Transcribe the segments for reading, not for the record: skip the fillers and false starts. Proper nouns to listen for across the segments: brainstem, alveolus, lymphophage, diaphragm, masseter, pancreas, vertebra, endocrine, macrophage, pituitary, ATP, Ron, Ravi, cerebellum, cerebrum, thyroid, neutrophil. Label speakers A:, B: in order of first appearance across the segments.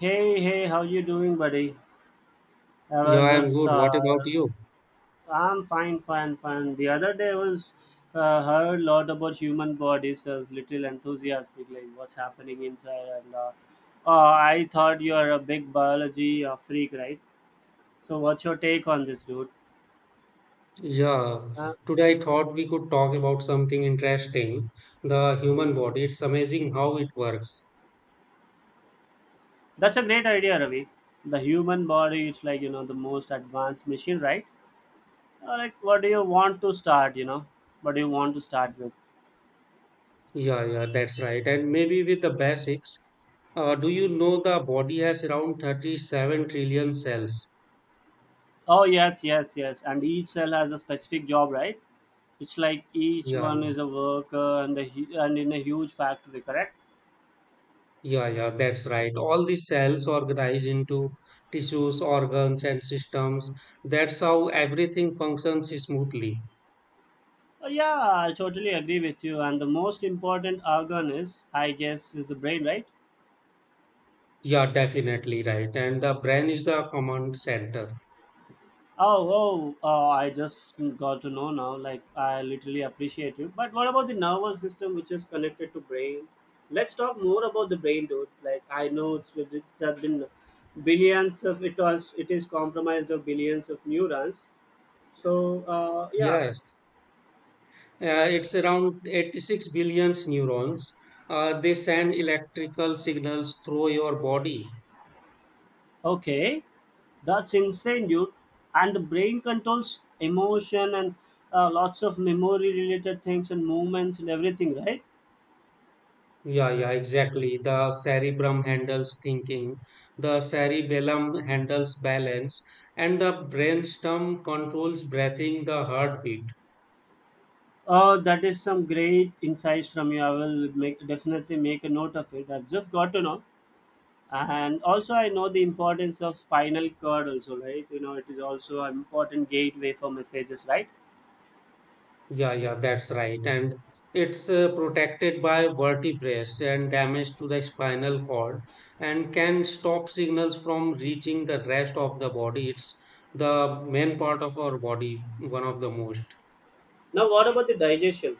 A: Hey, hey, how you doing, buddy? I
B: Yeah,
A: was
B: I'm
A: just,
B: good.
A: uh,
B: What about you?
A: I'm fine, fine, fine. The other day I was heard a lot about human bodies. I was little enthusiastic, like what's happening inside, and I thought you are a big biology freak, right? So, what's your take on this, dude?
B: Yeah,
A: Huh?
B: today I thought we could talk about something interesting, the
A: Hmm.
B: human body. It's amazing how it works.
A: That's a great idea, Ravi. The human body, it's like you know the most advanced machine, right? Like, what do you want to start? What do you want to start with?
B: Yeah, yeah, that's right. And maybe with the basics, do you know the body has around 37 trillion cells?
A: Oh yes, yes, yes. And each cell has a specific job, right? It's like each
B: Yeah,
A: one is a worker and and in a huge factory, correct?
B: yeah, yeah, yeah, that's right. All the cells organize into tissues, organs, and systems. That's how everything functions smoothly.
A: Yeah, I totally agree with you. And the most important organ is, I guess, is the brain, right?
B: Yeah, definitely right. And the brain is the command center.
A: Oh, oh, oh! I just got to know now. Like, I literally appreciate you. But what about the nervous system, which is connected to brain? Let's talk more about the brain, dude. Like, I know it's has been billions of it is compromised of billions of neurons. So
B: Yes, it's around 86 billion neurons. They send electrical signals through your body.
A: okay, that's insane, dude. And the brain controls emotion and lots of memory-related things and movements and everything, right?
B: Yeah, yeah, exactly. The cerebrum handles thinking, the cerebellum handles balance, and the brainstem controls breathing, the heartbeat.
A: That is some great insights from you. I will make definitely make a note of it. I've just got to know, and also I know the importance of spinal cord. Also, right? You know, it is also an important gateway for messages, right?
B: Yeah, yeah, that's right. And it's protected by vertebrae and damage to the spinal cord and can stop signals from reaching the rest of the body. It's the main part of our body, one of the most.
A: Now, what about the digestion?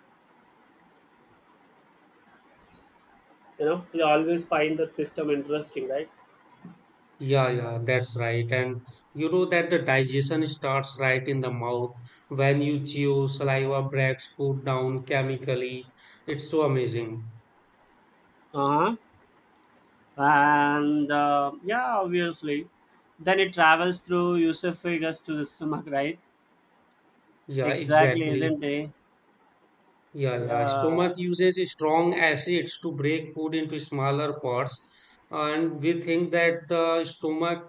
A: You know, you always find that system interesting, right?
B: Yeah, yeah, that's right. And you know that the digestion starts right in the mouth when you chew, saliva breaks food down chemically. It's so amazing.
A: Uh huh. and Yeah, obviously then it travels through Yusuf figures to the stomach, right?
B: Yeah,
A: Exactly,
B: exactly.
A: isn't it?
B: Yeah, yeah.
A: Yeah,
B: Stomach uses strong acids to break food into smaller parts, and we think that the stomach,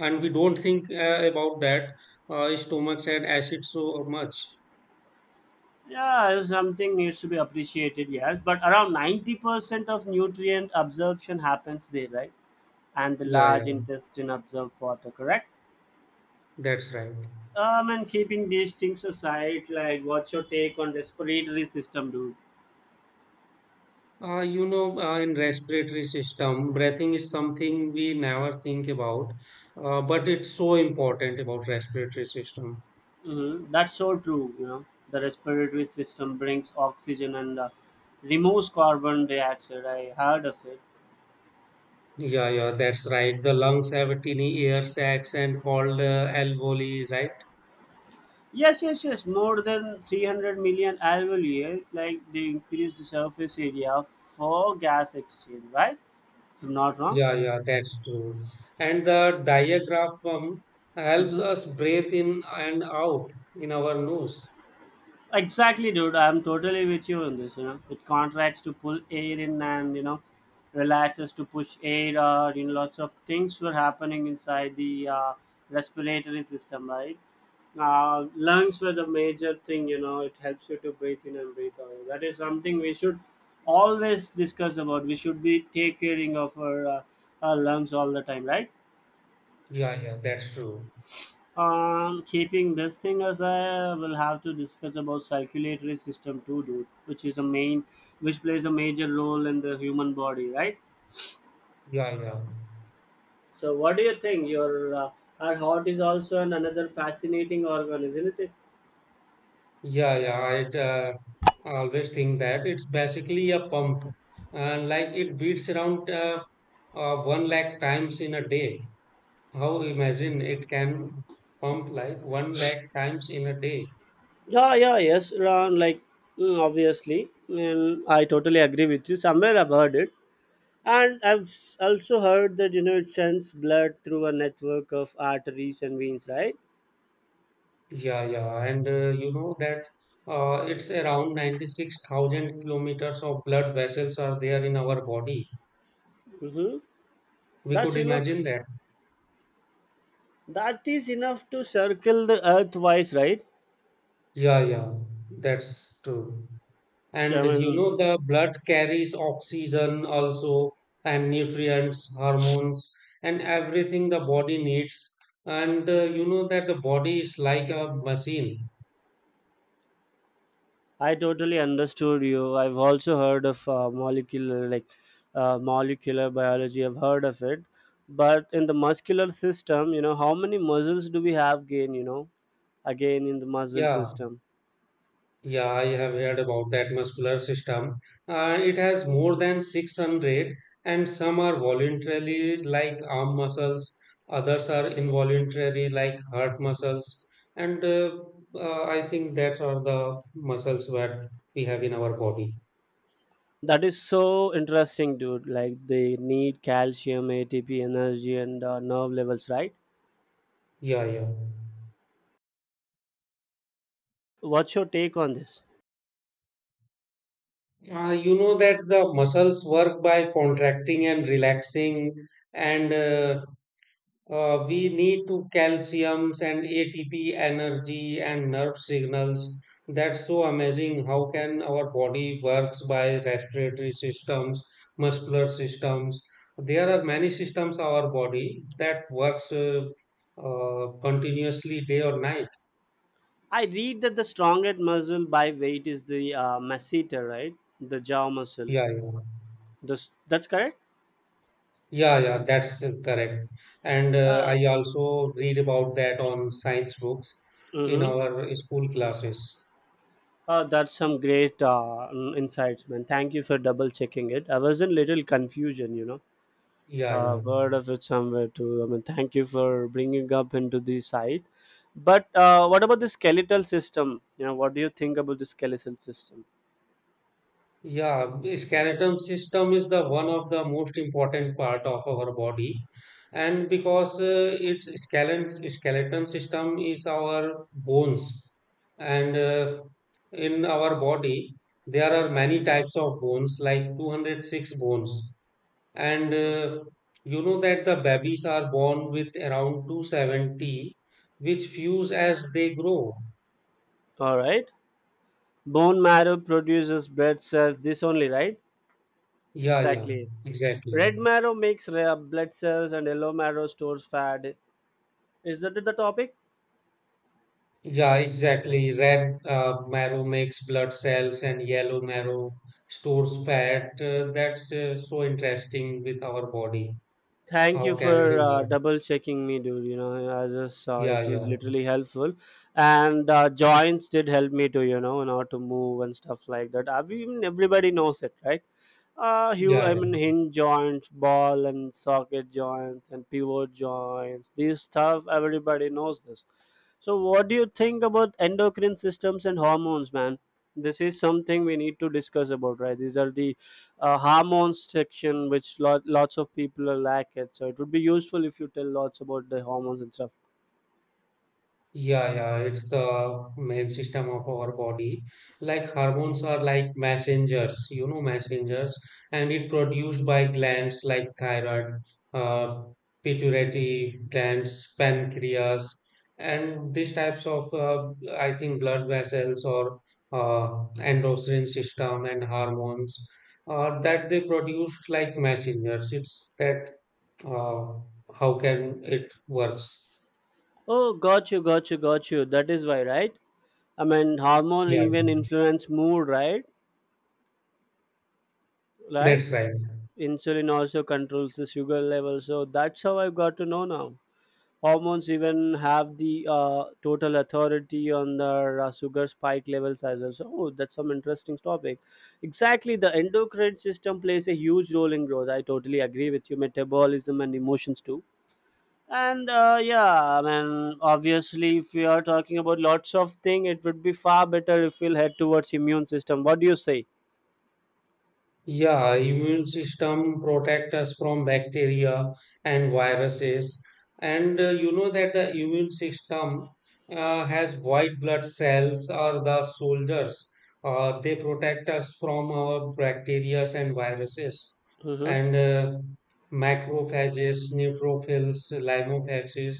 B: and we don't think about that. Stomachs had acids so much.
A: yeah, something needs to be appreciated, yes, but around 90% of nutrient absorption happens there, right? And the
B: Yeah,
A: large
B: yeah.
A: intestine absorbs water, correct?
B: That's right.
A: And keeping these things aside, like what's your take on respiratory system, dude?
B: In respiratory system, breathing is something we never think about, but it's so important about respiratory system.
A: Mm-hmm. That's so true. You know, the respiratory system brings oxygen and removes carbon dioxide. I heard of it.
B: Yeah, yeah. That's right. The lungs have a tiny air sacs and called alveoli, right?
A: Yes, yes, yes. More than 300 million annual year. Like they increase the surface area for gas exchange, right? If I'm not wrong.
B: Yeah, yeah, that's true. And the diaphragm helps
A: Mm-hmm.
B: us breathe in and out in our nose.
A: Exactly, dude. I'm totally with you on this. You know, it contracts to pull air in and you know, relaxes to push air out. You know, lots of things were happening inside the respiratory system, right? Lungs were the major thing. You know, it helps you to breathe in and breathe out. That is something we should always discuss about. We should be taking care of our lungs all the time, right?
B: Yeah, yeah, that's true.
A: Keeping this thing aside, I will have to discuss about circulatory system too, dude, which is a main, which plays a major role in the human body, right?
B: Yeah, yeah,
A: So, what do you think? Your our heart is also an another fascinating organ, isn't it?
B: yeah, yeah. I always think that it's basically a pump, and like it beats around one lakh times in a day. How imagine it can pump like one lakh times in a day?
A: Yeah, yeah, yes, Ron. Like, obviously, I totally agree with you. Somewhere I've heard it, and also heard that you know it sends blood through a network of arteries and veins, right?
B: Yeah, yeah, and you know that it's around 96,000 kilometers of blood vessels are there in our body.
A: Mm-hmm.
B: We
A: That's
B: could
A: enough
B: imagine that.
A: That is enough to circle the earth twice, right?
B: Yeah, yeah, that's true.
A: I
B: And you
A: mean,
B: know, the blood carries oxygen also, and nutrients, hormones, and everything the body needs. And you know that the body is like a machine.
A: I totally understood you. I've also heard of molecular, like molecular biology. I've heard of it, but in the muscular system, you know, how many muscles do we have? Gain, you know, again in the muscle
B: Yeah,
A: system.
B: yeah, I have heard about that muscular system. It has more than 600, and some are voluntarily, like arm muscles, others are involuntary, like heart muscles. And I think that are the muscles that we have in our body.
A: That is so interesting, dude. Like they need calcium, ATP, energy, and nerve levels, right?
B: Yeah, yeah.
A: What's your take on this?
B: You know that the muscles work by contracting and relaxing and we need to calciums and ATP energy and nerve signals. That's so amazing. How can our body works by respiratory systems, muscular systems? There are many systems our body that works continuously day or night.
A: I read that the strongest muscle by weight is the masseter, right? The jaw muscle.
B: Yeah, yeah,
A: This, that's correct?
B: yeah, yeah. That's correct. And
A: Uh,
B: I also read about that on science books in
A: mm-hmm.
B: our school classes.
A: That's some great insights, man. Thank you for double checking it. I was in little confusion, you know.
B: Yeah, yeah.
A: Word of it somewhere too. I mean, thank you for bringing up into the side. But what about the skeletal system? You know, what do you think about the skeletal system?
B: Yeah, the skeletal system is the one of the most important part of our body, and because its skeleton system is our bones, and in our body there are many types of bones, like 206 bones, and
A: Sure.
B: you know that the babies are born with around 270, which fuse as they grow.
A: All right. Bone marrow produces blood cells. This only, right?
B: Yeah, yeah,
A: Exactly.
B: exactly.
A: Red marrow makes red blood cells and yellow marrow stores fat. Is that the topic?
B: Yeah, exactly. Red marrow makes blood cells, and yellow marrow stores fat. That's so interesting with our body.
A: Thank you
B: How can they
A: for
B: work?
A: double checking me, dude. You know, I just saw
B: Yeah,
A: it was
B: yeah,
A: literally helpful, and joints did help me to you know, in order to move and stuff like that. I mean, everybody knows it, right?
B: yeah,
A: I mean,
B: yeah.
A: hinge joints, ball and socket joints, and pivot joints. These stuff, everybody knows this. So, what do you think about endocrine systems and hormones, man? This is something we need to discuss about, right? These are the hormones section, which lots of people are lack it. So it would be useful if you tell lots about the hormones and stuff.
B: Yeah, yeah, it's the main system of our body. Like hormones are like messengers, you know, messengers, and it produced by glands like thyroid, uh, pituitary glands, pancreas, and these types of, I think, blood vessels or endocrine system and hormones that they produced like messengers. It's that uh, how can it works?
A: Oh, got you, got you, got you. That is why, right? I mean, hormone
B: Yeah,
A: even influence mood, right? Right?
B: that's right.
A: Insulin also controls the sugar level. So that's how I got to know now. Hormones even have the total authority on their sugar spike levels as well. So, oh, that's some interesting topic. Exactly, the endocrine system plays a huge role in growth. I totally agree with you. Metabolism and emotions too. And yeah, I mean, obviously, if we are talking about lots of thing, it would be far better if we'll head towards immune system. What do you say?
B: Yeah, immune system protect us from bacteria and viruses. And you know that the immune system has white blood cells are the soldiers. They protect us from our bacteria and viruses.
A: Mm-hmm.
B: And macrophages, neutrophils, lymphophages,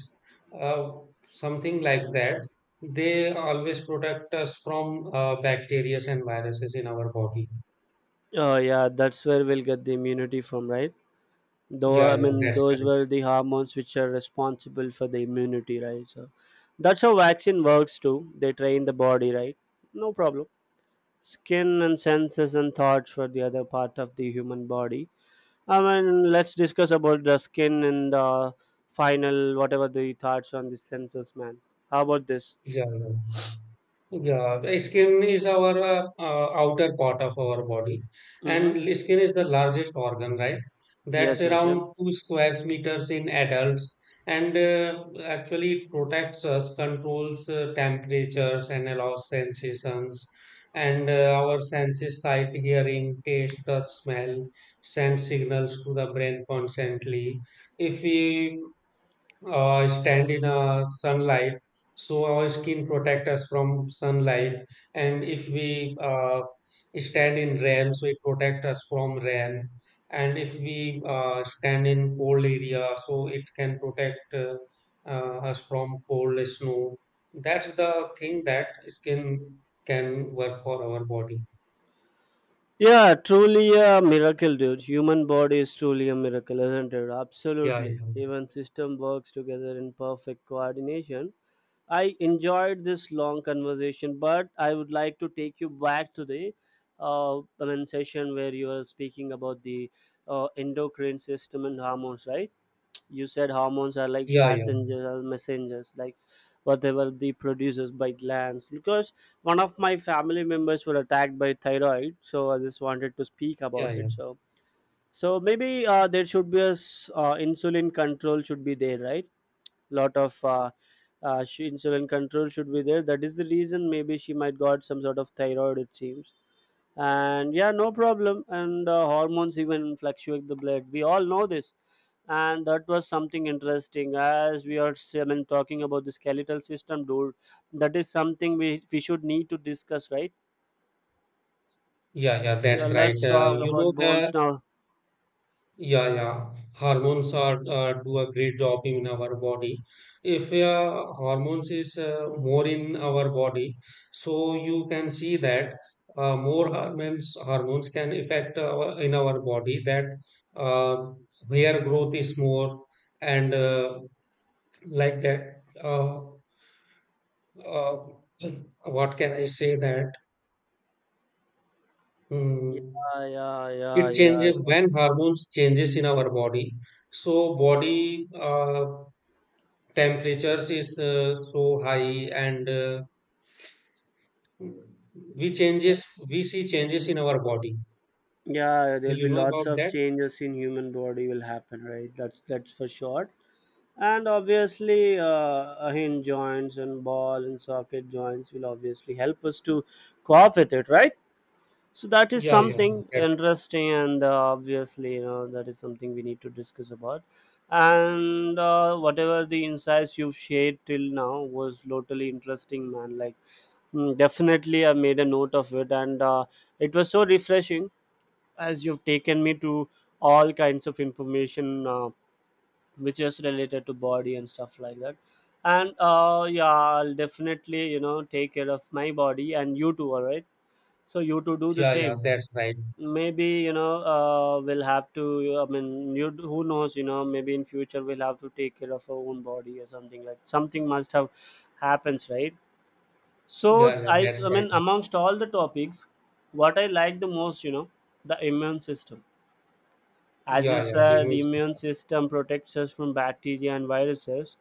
B: uh, something like that. They always protect us from bacteria and viruses in our body.
A: Oh yeah, that's where we'll get the immunity from, right? Though
B: Yeah,
A: I
B: yeah,
A: mean
B: that's
A: those
B: correct.
A: were the hormones which are responsible for the immunity, right? So that's how vaccine works too. They train the body, right? No problem. Skin and senses and thoughts for the other part of the human body. I mean, let's discuss about the skin and the final, whatever the thoughts on the senses, man. How about this?
B: Yeah, yeah. Yeah, the skin is our outer part of our body, and
A: Mm-hmm.
B: l- skin is the largest organ, right? That's
A: Yes, yes, yeah.
B: around two square meters in adults, and actually protects us, controls temperatures, and allows sensations, and our senses sight, hearing, taste, touch, smell, send signals to the brain constantly. If we stand in a sunlight so our skin protect us from sunlight, and if we stand in rain so it protect us from rain, and if we stand in cold area so it can protect us from cold snow. That's the thing that skin can work for our body.
A: Yeah, truly a miracle, dude. Human body is truly a miracle, isn't it?
B: Yeah,
A: Absolutely.
B: yeah,
A: Even system works together in perfect coordination. I enjoyed this long conversation, but I would like to take you back to the I mean, session where you were speaking about the endocrine system and hormones, right? You said hormones are like
B: yeah, yeah,
A: passengers or messengers, like whatever they produces by glands, because one of my family members were attacked by thyroid, so I just wanted to speak
B: yeah,
A: about
B: yeah,
A: it. So so maybe there should be a insulin control should be there, right? Lot of insulin control should be there. That is the reason maybe she might got some sort of thyroid, it seems. And yeah, no problem. And hormones even fluctuate the blood, we all know this. And that was something interesting, as we are, I mean, talking about the skeletal system, dude, that is something we should need to discuss, right?
B: yeah, yeah,
A: Yeah,
B: that's right.
A: let's talk
B: You know
A: about bones
B: the
A: now.
B: yeah, yeah. Hormones are do a great job in our body. If hormones is more in our body, so you can see that more hormones can affect our, in our body, that uh, hair growth is more, and like that. Uh, what can I say that
A: Yeah,
B: mm,
A: yeah, yeah,
B: it
A: yeah,
B: changes
A: yeah.
B: when hormones changes in our body. So body. Temperatures is so high, and we changes, we see changes in our body.
A: Yeah,
B: Will
A: there'll
B: you
A: be
B: know
A: lots
B: about
A: of
B: that?
A: changes in human body will happen, right? That's for sure. And obviously hinge joints and ball and socket joints will obviously help us to cope with it, right? So that is
B: Yeah, yeah,
A: something
B: that.
A: interesting. And obviously, you know, that is something we need to discuss about. And whatever the insights you've shared till now was totally interesting, man. Like, definitely I made a note of it. And it was so refreshing, as you've taken me to all kinds of information which is related to body and stuff like that. And yeah, I'll definitely, you know, take care of my body, and you too, all right? So you too do the
B: Yeah, yeah,
A: same.
B: that's right.
A: Maybe, you know, we'll have to, I mean, you who knows, you know, maybe in future we'll have to take care of our own body or something, like something must have happens, right? So
B: Yeah, yeah,
A: i
B: that's
A: i mean,
B: right.
A: amongst all the topics, what I like the most, you know, the immune system. As you
B: Yeah, yeah,
A: said, the
B: immune
A: immune
B: system.
A: system protects us from bacteria and viruses.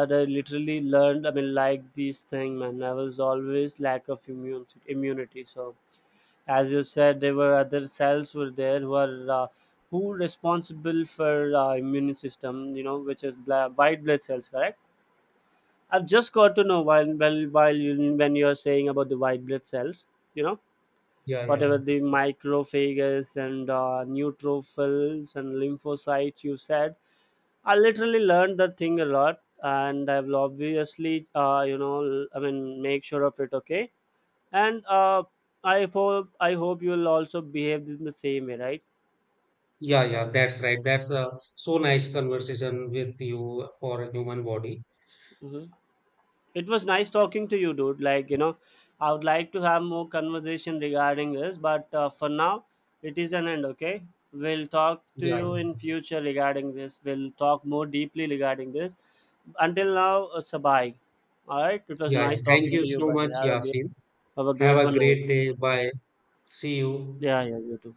A: And I literally learned, I mean, like this thing, man. I was always lack of immune immunity. So as you said, there were other cells were there who are who responsible for immune system, you know, which is white blood cells, correct? I've just got to know while you when you're saying about the white blood cells, you know,
B: Yeah, yeah,
A: whatever the microphages and neutrophils and lymphocytes you said, I literally learned that thing a lot. And I will obviously, you know, I mean, make sure of it. Okay. And I hope you'll also behave in the same way, right?
B: yeah, yeah, that's right. That's a so nice conversation with you for a human body.
A: Hmm. It was nice talking to you, dude. Like you know, I would like to have more conversation regarding this, but for now, it is an end. Okay, we'll talk to
B: Yeah, yeah,
A: you in future regarding this. We'll talk more deeply regarding this. Until now, it's a bye. All right. It was
B: yeah, yeah.
A: nice
B: Thank
A: talking
B: you
A: to you,
B: so much,
A: buddy.
B: Yasin.
A: Have a
B: Have
A: great
B: a
A: one.
B: great day. Bye. See you.
A: Yeah, yeah. You too.